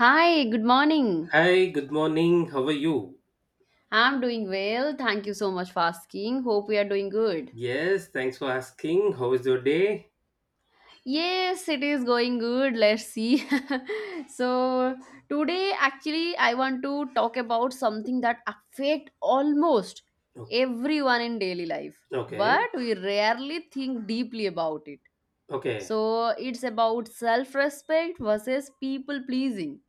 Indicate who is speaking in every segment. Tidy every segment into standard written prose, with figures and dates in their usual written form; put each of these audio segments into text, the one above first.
Speaker 1: Hi, good morning.
Speaker 2: Hi, good morning. How are you?
Speaker 1: I'm doing well. Thank you so much for asking. Hope we are doing good.
Speaker 2: Yes, thanks for asking. How is your day?
Speaker 1: Yes, it is going good. Let's see. so, today actually I want to talk about something that affect almost
Speaker 2: O-
Speaker 1: everyone in daily life,
Speaker 2: Okay,
Speaker 1: but we rarely think deeply about it.
Speaker 2: okay.
Speaker 1: So, it's about self-respect versus people pleasing.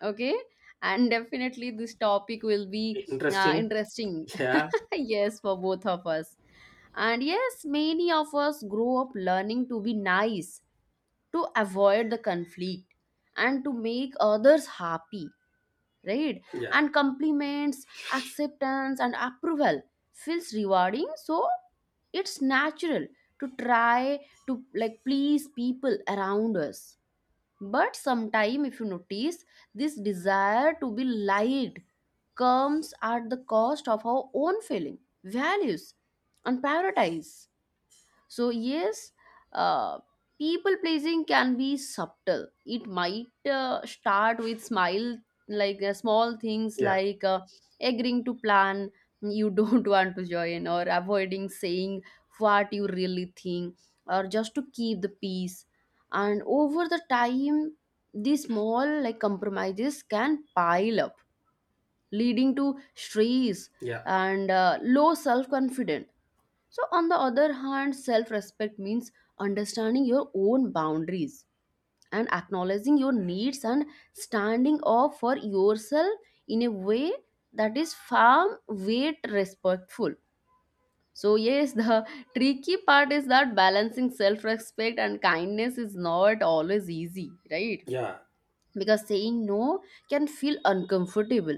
Speaker 1: Okay? And definitely this topic will be
Speaker 2: Interesting.
Speaker 1: interesting.
Speaker 2: Yeah,
Speaker 1: Yes, for both of us. And yes, many of us grow up learning to be nice, to avoid the conflict, and to make others happy, right?
Speaker 2: yeah,
Speaker 1: And compliments, acceptance, and approval feels rewarding, so it's natural to try to like please people around us. But sometime if you notice, this desire to be liked comes at the cost of our own feeling, values, and priorities. So, yes, uh, people pleasing can be subtle. It might start with smile, like small things
Speaker 2: yeah,
Speaker 1: like agreeing to plan you don't want to join, or avoiding saying what you really think, or just to keep the peace. And over the time, these small like compromises can pile up leading to stress
Speaker 2: yeah,
Speaker 1: and low self confidence. So, on the other hand, self respect means understanding your own boundaries and acknowledging your needs and standing up for yourself in a way that is firm, weight, respectful. So, yes, the tricky part is that balancing self respect and kindness is not always easy, right?
Speaker 2: yeah.
Speaker 1: Because saying no can feel uncomfortable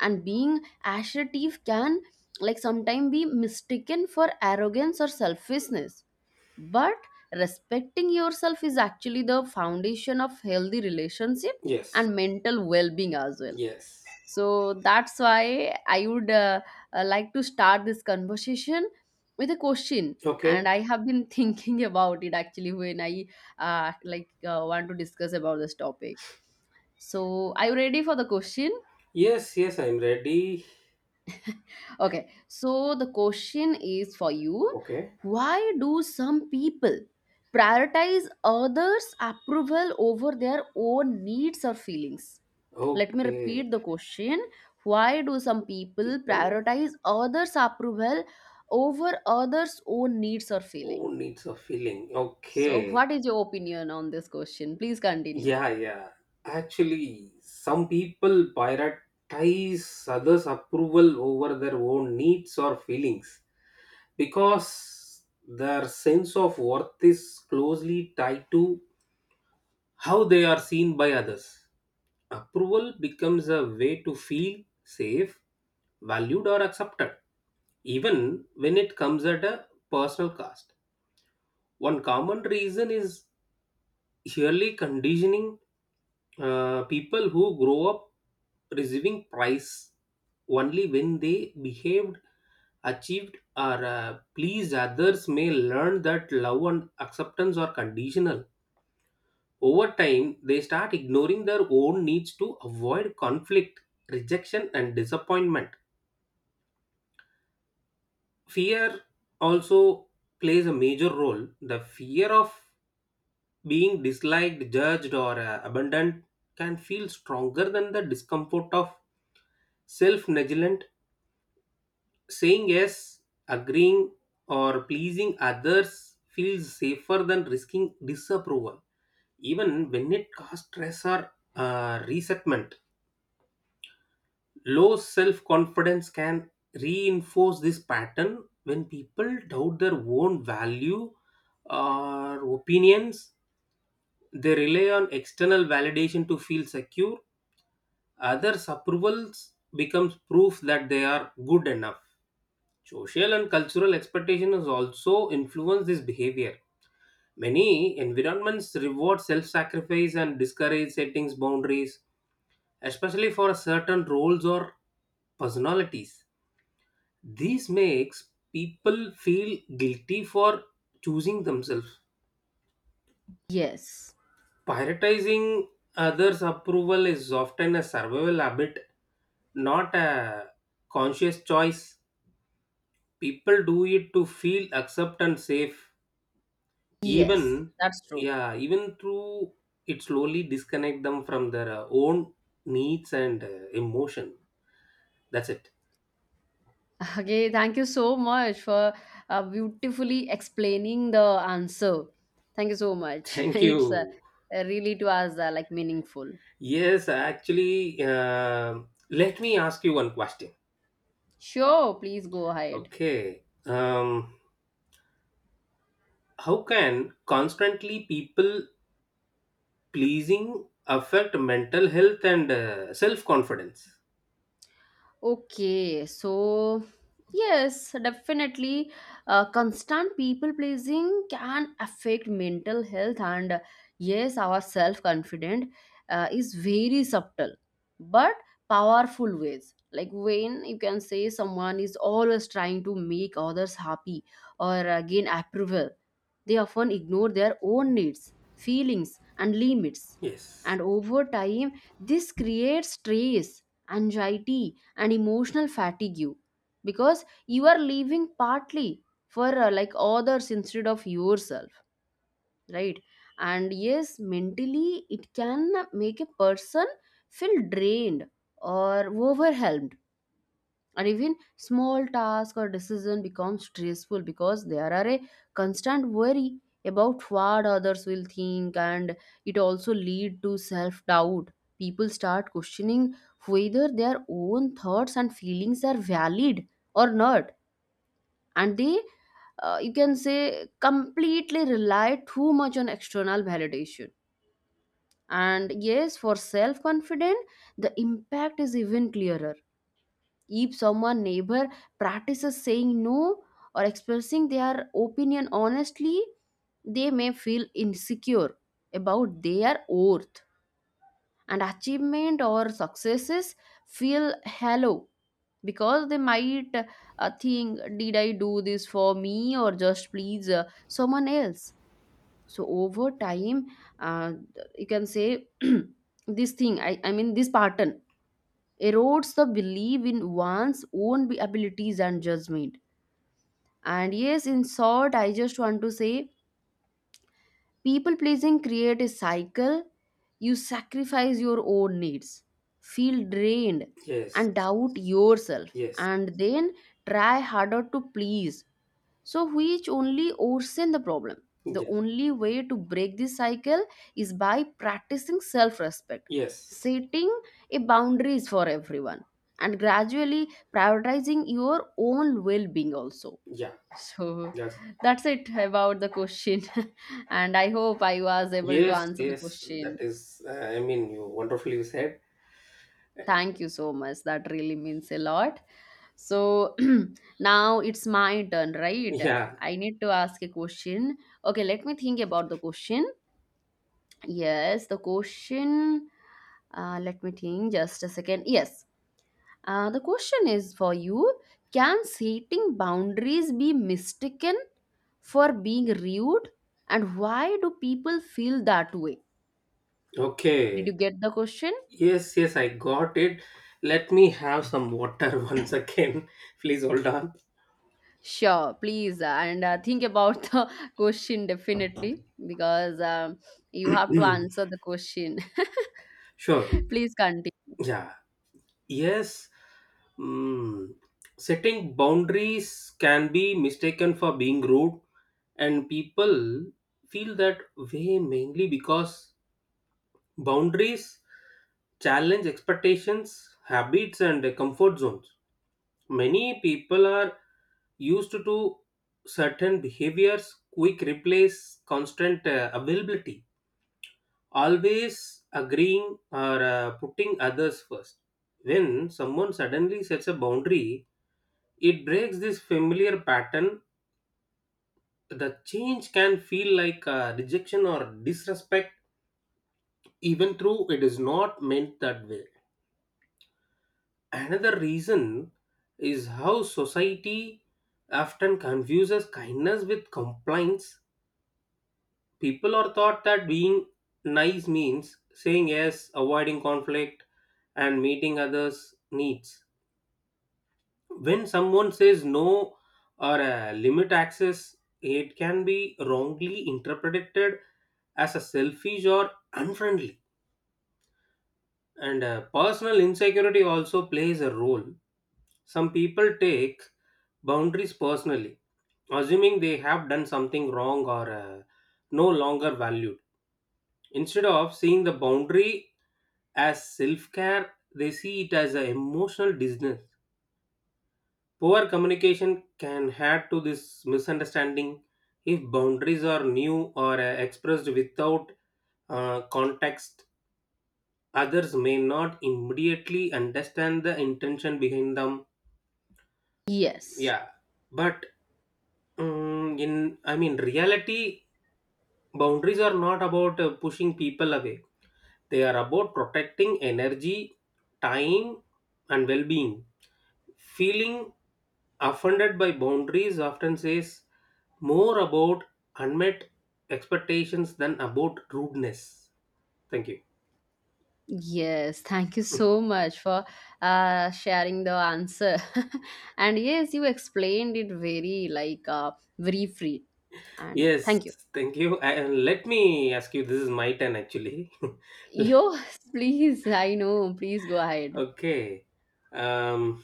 Speaker 1: and being assertive can like sometimes be mistaken for arrogance or selfishness, but respecting yourself is actually the foundation of healthy relationship
Speaker 2: Yes,
Speaker 1: and mental well-being as well.
Speaker 2: yes.
Speaker 1: So that's why I would like to start this conversation with a question,
Speaker 2: Okay.
Speaker 1: and I have been thinking about it actually when I like want to discuss about this topic. So are you ready for the question?
Speaker 2: Yes, yes, I'm ready.
Speaker 1: Okay, so the question is for you,
Speaker 2: Okay,
Speaker 1: why do some people prioritize others' approval over their own needs or feelings? Let me
Speaker 2: okay.
Speaker 1: repeat the question. Why do some people
Speaker 2: People
Speaker 1: prioritize others' approval over others' own needs or feeling?
Speaker 2: who needs a feeling.
Speaker 1: So,
Speaker 2: Okay.
Speaker 1: what is your opinion on this question? Please continue.
Speaker 2: Yeah, yeah. Actually, some people prioritize others' approval over their own needs or feelings, because their sense of worth is closely tied to how they are seen by others. Approval becomes a way to feel safe, valued, or accepted, even when it comes at a personal cost. One common reason is yearly conditioning. People who grow up receiving praise only when they behaved, achieved, or pleased others may learn that love and acceptance are conditional. Over time, they start ignoring their own needs to avoid conflict, rejection, and disappointment. Fear also plays a major role. The fear of being disliked, judged, or abandoned can feel stronger than the discomfort of self negligent. Saying yes, agreeing, or pleasing others feels safer than risking disapproval, even when it causes stress or resentment. Low self confidence can reinforce this pattern when people doubt their own value or opinions. They rely on external validation to feel secure. Others' approvals becomes proof that they are good enough. Social and cultural expectation has also influenced this behavior. Many environments reward self-sacrifice and discourage settings boundaries, especially for certain roles or personalities. This makes people feel guilty for choosing themselves.
Speaker 1: Yes,
Speaker 2: Prioritizing others' approval is often a survival habit, not a conscious choice. People do it to feel accepted and safe,
Speaker 1: yes,
Speaker 2: even,
Speaker 1: that's true.
Speaker 2: yeah, even through it slowly disconnect them from their own needs and emotion. That's it.
Speaker 1: Okay, thank you so much for beautifully explaining the answer. Thank you so much.
Speaker 2: Thank
Speaker 1: It's
Speaker 2: you.
Speaker 1: really to us like meaningful.
Speaker 2: Yes, actually, let me ask you one question.
Speaker 1: Sure, please go ahead.
Speaker 2: Okay, how can constantly people pleasing affect mental health and self confidence?
Speaker 1: Okay, so yes, definitely, constant people pleasing can affect mental health, and yes, our self confident is very subtle but powerful ways. Like when you can say someone is always trying to make others happy or gain approval, they often ignore their own needs, feelings, and limits.
Speaker 2: Yes,
Speaker 1: And over time, this creates stress, anxiety, and emotional fatigue because you are living partly for like others instead of yourself, right? And yes, mentally, it can make a person feel drained or overwhelmed, and even small task or decision becomes stressful because there are a constant worry about what others will think. And it also lead to self doubt. People start questioning whether their own thoughts and feelings are valid or not, and they you can say completely rely too much on external validation. And yes, for self confident the impact is even clearer. If someone neighbor practices saying no or expressing their opinion honestly, they may feel insecure about their worth, and achievement or successes feel hollow because they might think, did I do this for me or just please someone else? So over time, uh, you can say this thing, I mean this pattern erodes the belief in one's own abilities and judgment. And yes, in short, I just want to say people pleasing create a cycle. You sacrifice your own needs, feel drained,
Speaker 2: yes,
Speaker 1: and doubt yourself,
Speaker 2: yes,
Speaker 1: and then try harder to please, so which only worsen the problem. The
Speaker 2: yes,
Speaker 1: only way to break this cycle is by practicing self respect,
Speaker 2: yes,
Speaker 1: setting a boundaries for everyone, and gradually prioritizing your own well being also.
Speaker 2: yeah.
Speaker 1: So,
Speaker 2: Yes.
Speaker 1: that's it about the question. And I hope I was able to
Speaker 2: Yes,
Speaker 1: answer the
Speaker 2: yes, that
Speaker 1: question.
Speaker 2: is, I mean, you wonderfully said.
Speaker 1: Thank you so much. That really means a lot. So now it's my turn, right?
Speaker 2: Yeah,
Speaker 1: I need to ask a question. Okay, let me think about the question. Yes, the question. Let me think just a second. Yes, the question is for you. Can setting boundaries be mistaken for being rude? And why do people feel that way? Did you
Speaker 2: okay.
Speaker 1: get the question?
Speaker 2: Yes, yes, I got it. Let me have some water once again. Please hold on.
Speaker 1: Sure, please, and think about the question definitely because you have to answer the question.
Speaker 2: Sure,
Speaker 1: Please continue.
Speaker 2: yeah. Yes, mm, setting boundaries can be mistaken for being rude, and people feel that way mainly because boundaries challenge expectations, habits, and comfort zones. Many people are used to certain behaviors, quick replace, constant availability, always agreeing or putting others first. When someone suddenly sets a boundary, it breaks this familiar pattern. The change can feel like rejection or disrespect, even though it is not meant that way. Another reason is how society often confuses kindness with compliance. People are taught that being nice means saying yes, avoiding conflict, and meeting others' needs. When someone says no or limit access, it can be wrongly interpreted as a selfish or unfriendly. And personal insecurity also plays a role. Some people take boundaries personally, assuming they have done something wrong or no longer valued. Instead of seeing the boundary as self care, they see it as an emotional distance. Poor communication can add to this misunderstanding if boundaries are new or expressed without context. Others may not immediately understand the intention behind them.
Speaker 1: Yes,
Speaker 2: Yeah, but mm in I mean, reality, boundaries are not about pushing people away. They are about protecting energy, time, and well-being. Feeling offended by boundaries often says more about unmet expectations than about rudeness. Thank you.
Speaker 1: yes, thank you so much for sharing the answer. And yes, you explained it very like very free, and
Speaker 2: Yes,
Speaker 1: thank you.
Speaker 2: thank you. And let me ask you, this is my turn actually.
Speaker 1: Yo, please, I know, please go ahead.
Speaker 2: Okay. Um,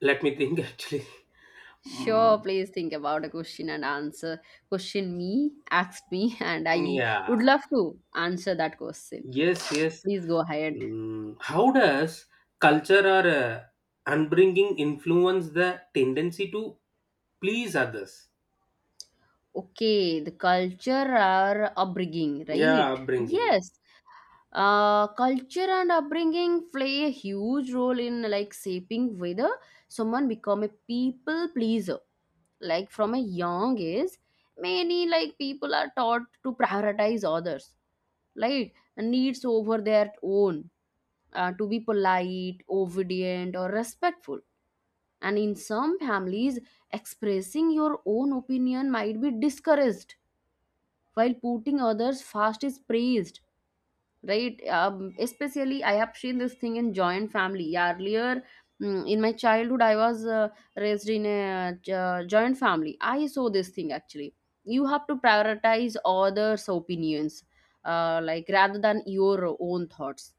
Speaker 2: let me think actually.
Speaker 1: Sure,
Speaker 2: Mm,
Speaker 1: please think about a question and answer. Question me, ask me, and I
Speaker 2: yeah.
Speaker 1: would love to answer that question.
Speaker 2: Yes, yes.
Speaker 1: Please go ahead.
Speaker 2: How does culture or upbringing influence the tendency to please others?
Speaker 1: Okay, the culture or upbringing,
Speaker 2: Yeah,
Speaker 1: right?
Speaker 2: upbringing.
Speaker 1: Yes. Culture and upbringing play a huge role in like shaping whether someone become a people pleaser. Like from a young age, many like people are taught to prioritize others, like needs over their own, to be polite, obedient, or respectful. And in some families, expressing your own opinion might be discouraged, while putting others first is praised. Right? Especially, I have seen this thing in joint family. Earlier, mm, in my childhood, I was raised in a joint family. I saw this thing actually. You have to prioritize others' opinions, like rather than your own thoughts.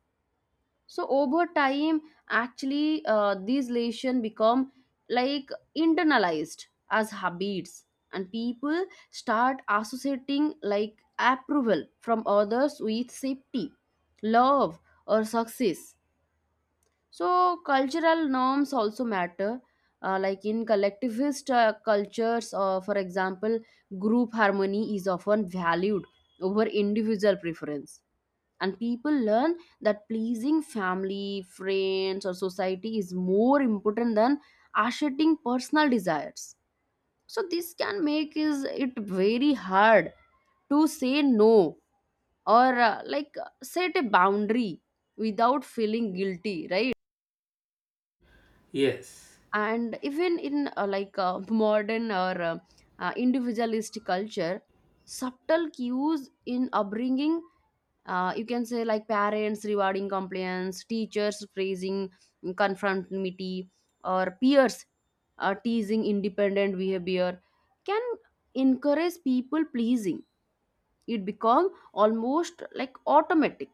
Speaker 1: So over time, actually, these lesions become like internalized as habits, and people start associating like approval from others with safety, love, or success. So cultural norms also matter. Like in collectivist cultures, for example, group harmony is often valued over individual preference, and people learn that pleasing family friends or society is more important than asserting personal desires. So this can make is it very hard to say no or like set a boundary without feeling guilty, right?
Speaker 2: Yes.
Speaker 1: And even in like modern or individualist culture, subtle cues in upbringing, you can say like parents rewarding compliance, teachers praising, mm, conformity, or peers teasing independent behavior can encourage people pleasing. It become almost like automatic,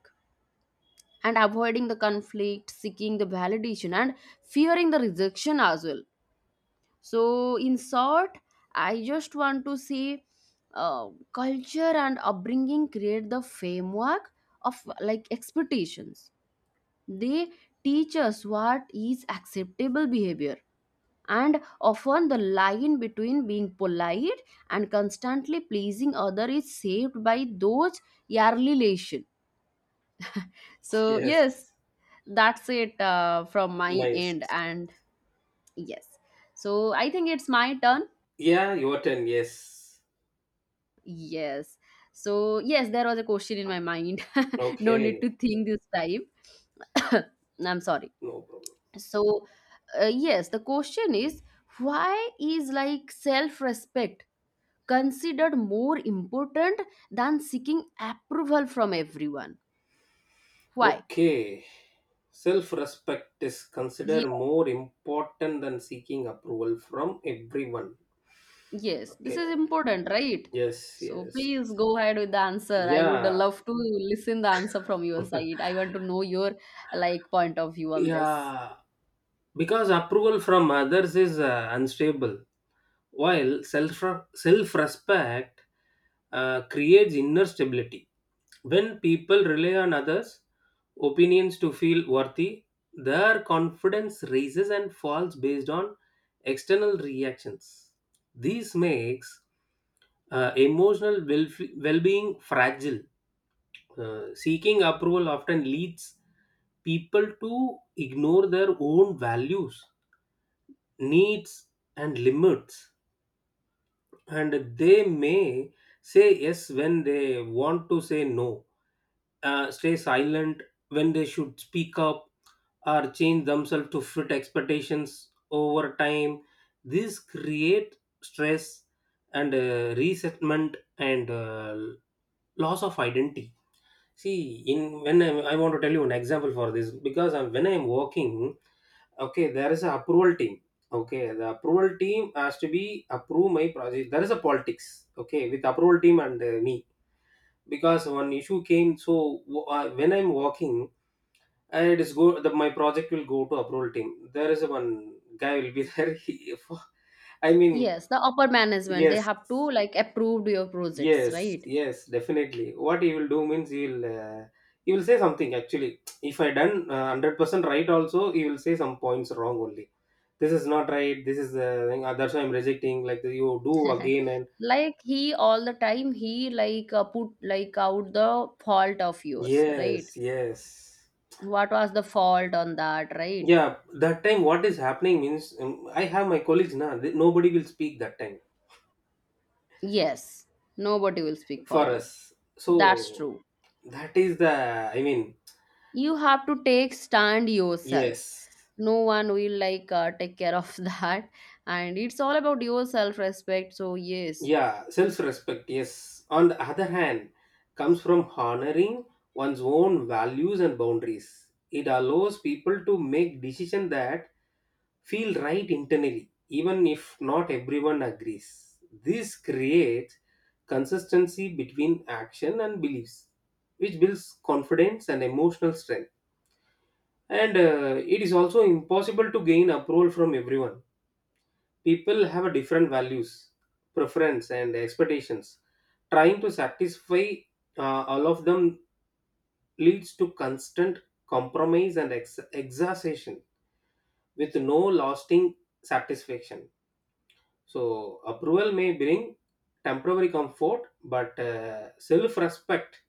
Speaker 1: and avoiding the conflict, seeking the validation, and fearing the rejection as well. So in short, I just want to say culture and upbringing create the framework of like expectations. They teach us what is acceptable behavior, and often the line between being polite and constantly pleasing other is saved by those yearly relation. So
Speaker 2: Yes.
Speaker 1: yes, that's it from my
Speaker 2: Nice.
Speaker 1: end, and yes. So I think it's my turn.
Speaker 2: Yeah, your turn. Yes.
Speaker 1: Yes. So yes, there was a question in my mind. No need
Speaker 2: Okay.
Speaker 1: to think this time. I'm sorry.
Speaker 2: No problem.
Speaker 1: So yes, the question is, why is like self respect considered more important than seeking approval from everyone? Why?
Speaker 2: Okay. Self respect is
Speaker 1: Yeah,
Speaker 2: considered more important than seeking approval from everyone.
Speaker 1: yes, this is
Speaker 2: Okay.
Speaker 1: important, right?
Speaker 2: Yes.
Speaker 1: So
Speaker 2: Yes.
Speaker 1: please go ahead with the answer. I would
Speaker 2: Yeah.
Speaker 1: love to listen the answer from your side. I want to know your like point of view on this.
Speaker 2: Yeah. Because approval from others is unstable, while self respect creates inner stability. When people rely on others' opinions to feel worthy, their confidence rises and falls based on external reactions. This makes emotional well being fragile. Seeking approval often leads people to ignore their own values, needs, and limits, and they may say yes when they want to say no, stay silent when they should speak up, or change themselves to fit expectations over time. This create stress and resentment and loss of identity. See, I want to tell you an example for this, because when I'm working, okay, there is a approval team. Okay, the approval team has to be approve my project. There is a politics. Okay, with approval team and me, because one issue came. So when I'm working and it is go the my project will go to approval team. There is one guy will be there. He, for, I mean,
Speaker 1: Yes, the upper management, they
Speaker 2: Yes,
Speaker 1: have to like approve your projects,
Speaker 2: yes,
Speaker 1: right?
Speaker 2: yes, definitely. What he will do means he will say something. Actually, if I done 100% right, also he will say some points wrong only. This is not right. This is the thing. That's why I'm rejecting. Like you do again and
Speaker 1: Like he all the time he like put like out the fault of yours, right?
Speaker 2: yes, yes.
Speaker 1: What was the fault on that, right?
Speaker 2: Yeah, that time what is happening means, I have my colleagues now. Nobody will speak that time
Speaker 1: Yes, nobody will speak for
Speaker 2: for
Speaker 1: you.
Speaker 2: us.
Speaker 1: That's
Speaker 2: So
Speaker 1: true.
Speaker 2: that is the, I mean,
Speaker 1: You have to take stand yourself.
Speaker 2: yes,
Speaker 1: No one will like take care of that, and it's all about your self respect, so yes.
Speaker 2: yeah, self respect, yes. On the other hand, comes from honoring one's own values and boundaries. It allows people to make decisions that feel right internally, even if not everyone agrees. This creates consistency between action and beliefs, which builds confidence and emotional strength. And it is also impossible to gain approval from everyone. People have a different values, preference, and expectations. Trying to satisfy all of them leads to constant compromise and exhaustion with no lasting satisfaction. So approval may bring temporary comfort, but self-respect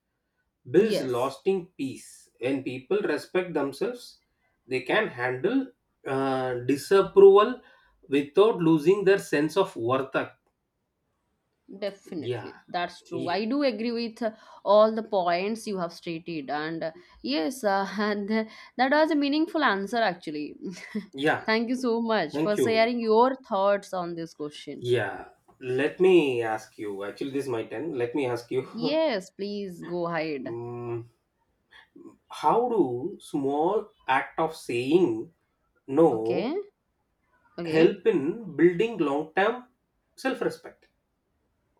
Speaker 2: builds
Speaker 1: Yes.
Speaker 2: lasting peace. When people respect themselves, they can handle disapproval without losing their sense of worth. yeah
Speaker 1: Definitely, that's true.
Speaker 2: Ye-
Speaker 1: I do agree with all the points you have stated, and yes, and that was a meaningful answer actually.
Speaker 2: Yeah,
Speaker 1: Thank you so much
Speaker 2: thank
Speaker 1: for
Speaker 2: you.
Speaker 1: sharing your thoughts on this question.
Speaker 2: Yeah, let me ask you. Actually, this is my turn. Let me ask you.
Speaker 1: Yes, please go ahead.
Speaker 2: mm, how do small act of saying no
Speaker 1: Okay, okay.
Speaker 2: help in building long-term self-respect?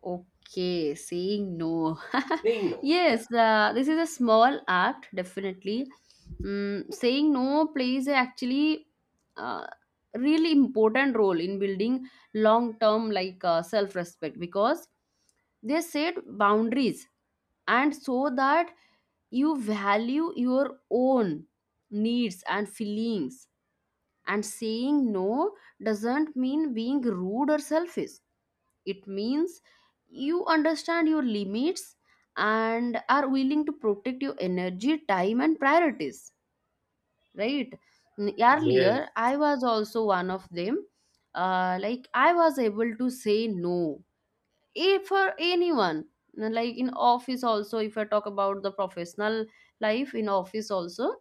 Speaker 1: Okay, saying no.
Speaker 2: Saying no. Yeah.
Speaker 1: Yes, this is a small act, definitely. Mm, saying no plays a actually uh, really important role in building long-term like self-respect, because they set boundaries and so that you value your own needs and feelings. And saying no doesn't mean being rude or selfish. It means you understand your limits and are willing to protect your energy, time, and priorities, right? Mm,
Speaker 2: Yes.
Speaker 1: earlier, I was also one of them. Like, I was able to say no if for anyone. Like in office also, if I talk about the professional life in office also,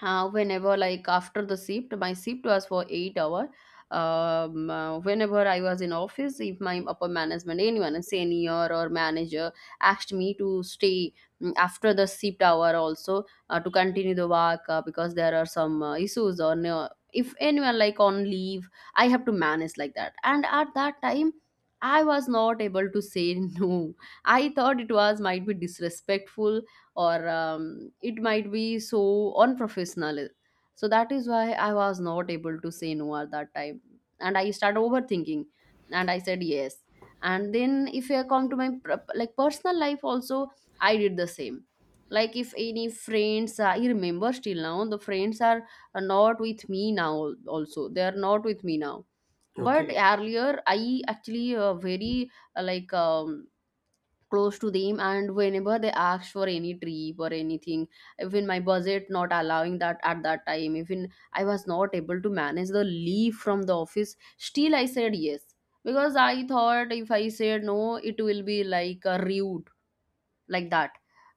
Speaker 1: whenever like after the shift my shift was for 8 hour whenever I was in office, if my upper management, anyone, a senior or manager asked me to stay after the shift hour also to continue the work because there are some issues or no, if anyone like on leave, I have to manage like that. And at that time I was not able to say no. I thought it was might be disrespectful, or it might be so unprofessional, so that is why I was not able to say no at that time, and I started overthinking and I said yes. And then if I come to my like personal life also, I did the same. Like if any friends, I remember still now, the friends are not with me now, also they are not with me now. But
Speaker 2: Okay.
Speaker 1: earlier I actually very uh, like um, close to them, and whenever they ask for any trip or anything, even my budget not allowing that, at that time even I was not able to manage the leave from the office, still I said yes. Because I thought if I said no it will be like a rude, like that.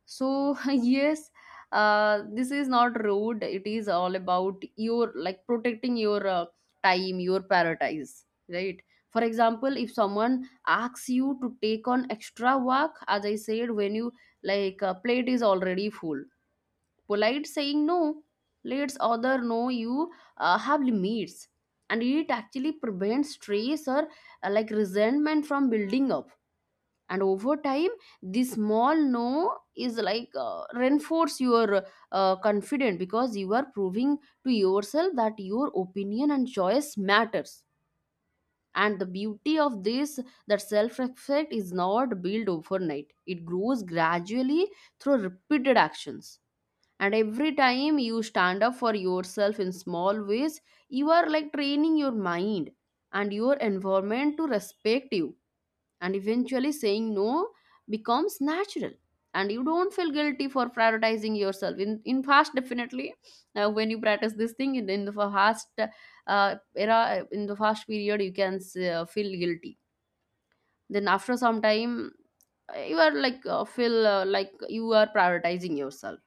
Speaker 1: So yes, this is not rude, it is all about your like protecting your time, your paradise, right? For example, if someone asks you to take on extra work, as I said, when you like a plate is already full, polite saying no lets other know you have limits, and it actually prevents stress or like resentment from building up. And over time this small no is like reinforce your confidence, because you are proving to yourself that your opinion and choice matters. And the beauty of this, that self respect is not built overnight, it grows gradually through repeated actions. And every time you stand up for yourself in small ways, you are like training your mind and your environment to respect you. And eventually saying no becomes natural, and you don't feel guilty for prioritizing yourself in past, definitely. When you practice this thing in the fast era, in the fast period, you can feel guilty. Then after some time you are like feel like you are prioritizing yourself.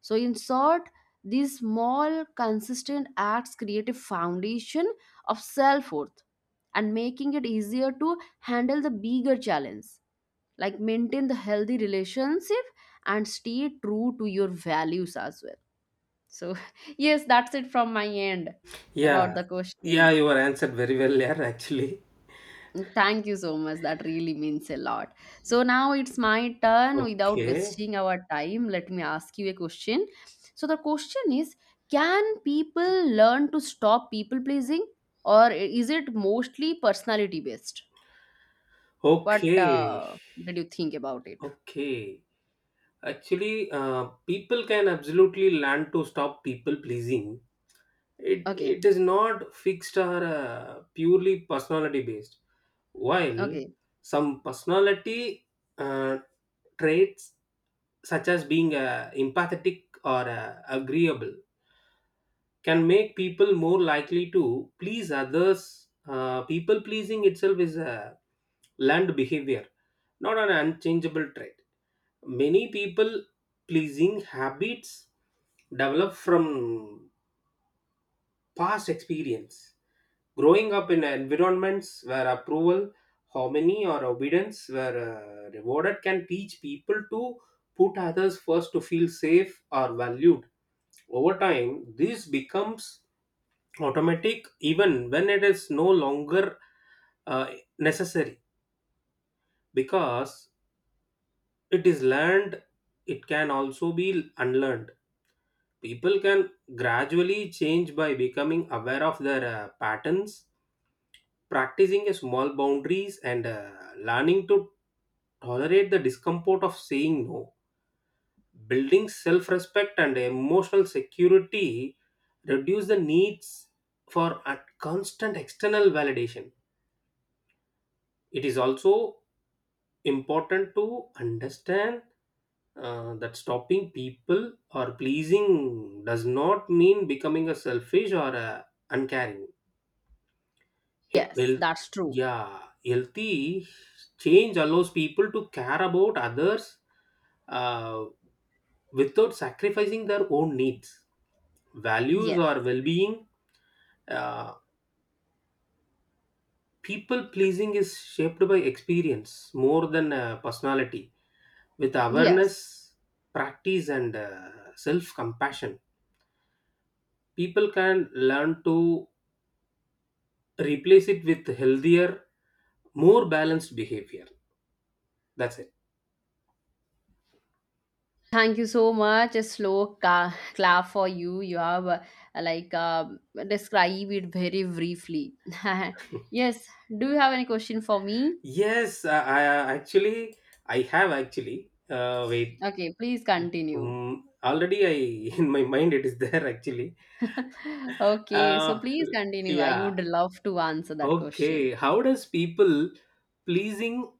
Speaker 1: So in short, these small consistent acts create a foundation of self-worth, and making it easier to handle the bigger challenge, like maintain the healthy relationship and stay true to your values as well. So yes, that's it from my end about
Speaker 2: Yeah.
Speaker 1: the
Speaker 2: Yeah,
Speaker 1: question.
Speaker 2: you were answered very well there, actually.
Speaker 1: Thank you so much, that really means a lot. So now it's my turn. Without
Speaker 2: Okay.
Speaker 1: wasting our time, let me ask you a question. So the question is, can people learn to stop people pleasing, or is it mostly personality based? What
Speaker 2: Okay.
Speaker 1: did you think about it?
Speaker 2: Okay. Actually, people can absolutely learn to stop people pleasing. it
Speaker 1: Okay,
Speaker 2: it is not fixed or purely personality based, while
Speaker 1: okay.
Speaker 2: some personality uh, traits such as being empathetic or agreeable can make people more likely to please others. People pleasing itself is a learned behavior, not an unchangeable trait. Many people pleasing habits develop from past experience. Growing up in environments where approval, harmony, or obedience were rewarded can teach people to put others first to feel safe or valued. Over time, this becomes automatic even when it is no longer uh, necessary. Because it is learned, it can also be unlearned. People can gradually change by becoming aware of their patterns, practicing a small boundaries, and learning to tolerate the discomfort of saying no, building self-respect and emotional security, reduce the needs for a constant external validation. It is also important to understand that stopping people or pleasing does not mean becoming a selfish or uncaring.
Speaker 1: Yes,
Speaker 2: Well,
Speaker 1: that's true.
Speaker 2: yeah, healthy change allows people to care about others uh, without sacrificing their own needs, values,
Speaker 1: Yes,
Speaker 2: or well being. Uh, People pleasing is shaped by experience more than personality. With
Speaker 1: yes.
Speaker 2: awareness, practice, and self compassion, people can learn to replace it with healthier, more balanced behavior. That's it.
Speaker 1: Thank you so much. A slow clap for you. You have like um describe it very briefly. Yes. Do you have any question for me?
Speaker 2: Yes, I actually, I have actually wait,
Speaker 1: Okay, please continue.
Speaker 2: already I in my mind it is there actually.
Speaker 1: Okay, so
Speaker 2: uh,
Speaker 1: please continue. I
Speaker 2: yeah,
Speaker 1: would love to answer that question.
Speaker 2: okay. How does people pleasing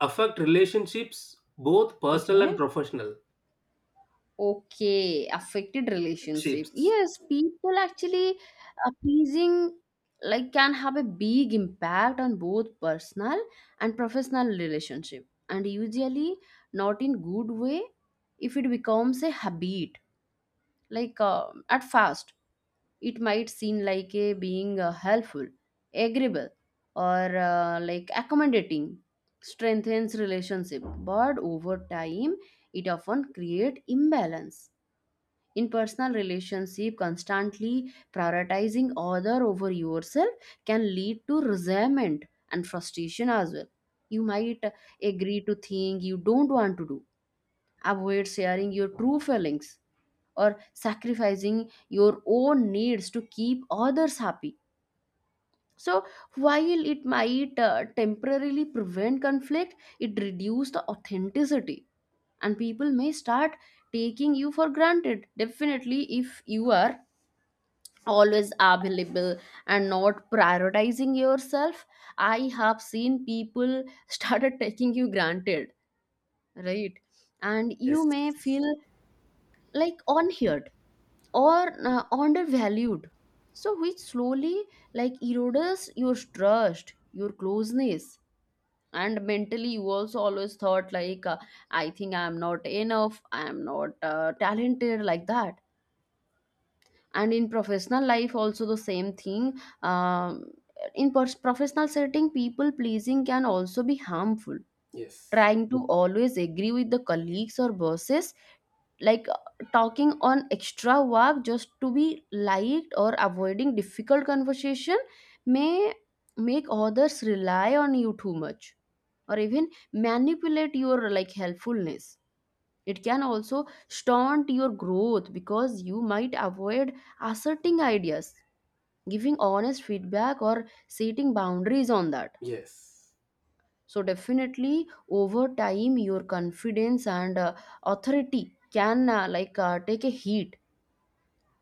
Speaker 2: affect relationships, both personal and
Speaker 1: Okay.
Speaker 2: professional?
Speaker 1: Okay, affected relationship.
Speaker 2: Chips.
Speaker 1: Yes, people actually pleasing like can have a big impact on both personal and professional relationship, and usually not in good way if it becomes a habit. Like at first, it might seem like a being helpful, agreeable, or like accommodating strengthens relationship, but over time it often create imbalance. In personal relationship, constantly prioritizing other over yourself can lead to resentment and frustration as well. You might agree to things you don't want to do, avoid sharing your true feelings, or sacrificing your own needs to keep others happy. So, while it might temporarily prevent conflict, it reduces the authenticity, and people may start taking you for granted. Definitely, if you are always available and not prioritizing yourself, I have seen people started taking you granted, right? And
Speaker 2: Yes,
Speaker 1: you may feel like unheard or undervalued, so which slowly like erodes your trust, your closeness. And mentally you also always thought like I think I am not enough, I am not talented, like that. And in professional life also the same thing. um, in professional setting, people pleasing can also be harmful.
Speaker 2: yes,
Speaker 1: Trying to always agree with the colleagues or bosses, like talking on extra work just to be liked, or avoiding difficult conversation may make others rely on you too much, or even manipulate your like helpfulness. It can also stunt your growth because you might avoid asserting ideas, giving honest feedback, or setting boundaries on that.
Speaker 2: yes,
Speaker 1: So, definitely over time, your confidence and authority can take a hit,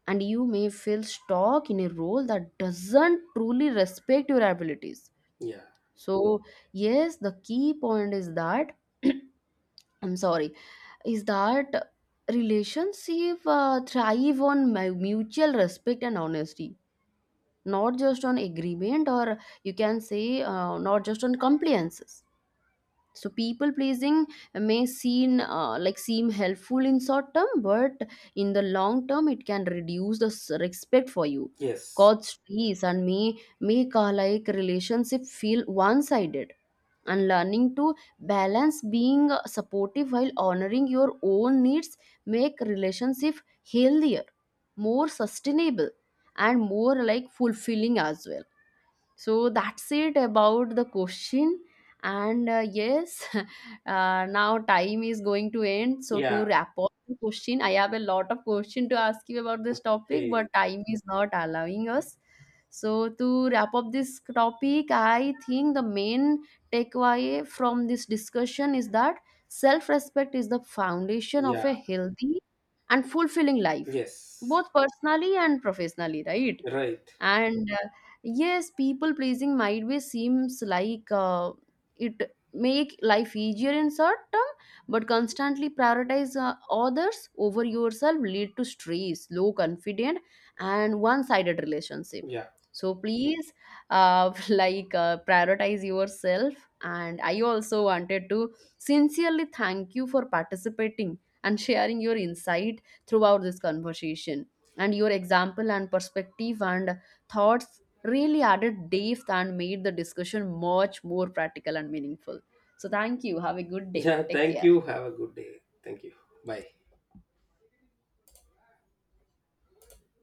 Speaker 1: and you may feel stuck in a role that doesn't truly respect your abilities.
Speaker 2: yeah,
Speaker 1: So, yes, the key point is that I'm sorry, is that relationship thrive on mutual respect and honesty, not just on agreement, or you can say not just on compliances. So people pleasing may seem seem helpful in short term, but in the long term it can reduce the respect for you,
Speaker 2: yes,
Speaker 1: cause stress, and may make a like relationship feel one sided. And learning to balance being supportive while honoring your own needs make relationship healthier, more sustainable, and more like fulfilling as well. So that's it about the question. And yes, now time is going to end. So to
Speaker 2: yeah.
Speaker 1: wrap up the question, I have a lot of question to ask you about this topic,
Speaker 2: Okay.
Speaker 1: but time is not allowing us. So to wrap up this topic, I think the main takeaway from this discussion is that self-respect is the foundation of a
Speaker 2: Yeah.
Speaker 1: healthy and fulfilling life,
Speaker 2: Yes.
Speaker 1: both personally and professionally, right?
Speaker 2: Right.
Speaker 1: And yes, people pleasing might be seems like it make life easier in short term, but constantly prioritize others over yourself lead to stress, low confident, and one sided relationship.
Speaker 2: Yeah.
Speaker 1: So please like prioritize yourself. And I also wanted to sincerely thank you for participating and sharing your insight throughout this conversation. And your example and perspective and thoughts really added depth and made the discussion much more practical and meaningful. So, thank you. Have a good day.
Speaker 2: Yeah,
Speaker 1: Take
Speaker 2: thank
Speaker 1: care.
Speaker 2: you. Have a good day. Thank you. Bye.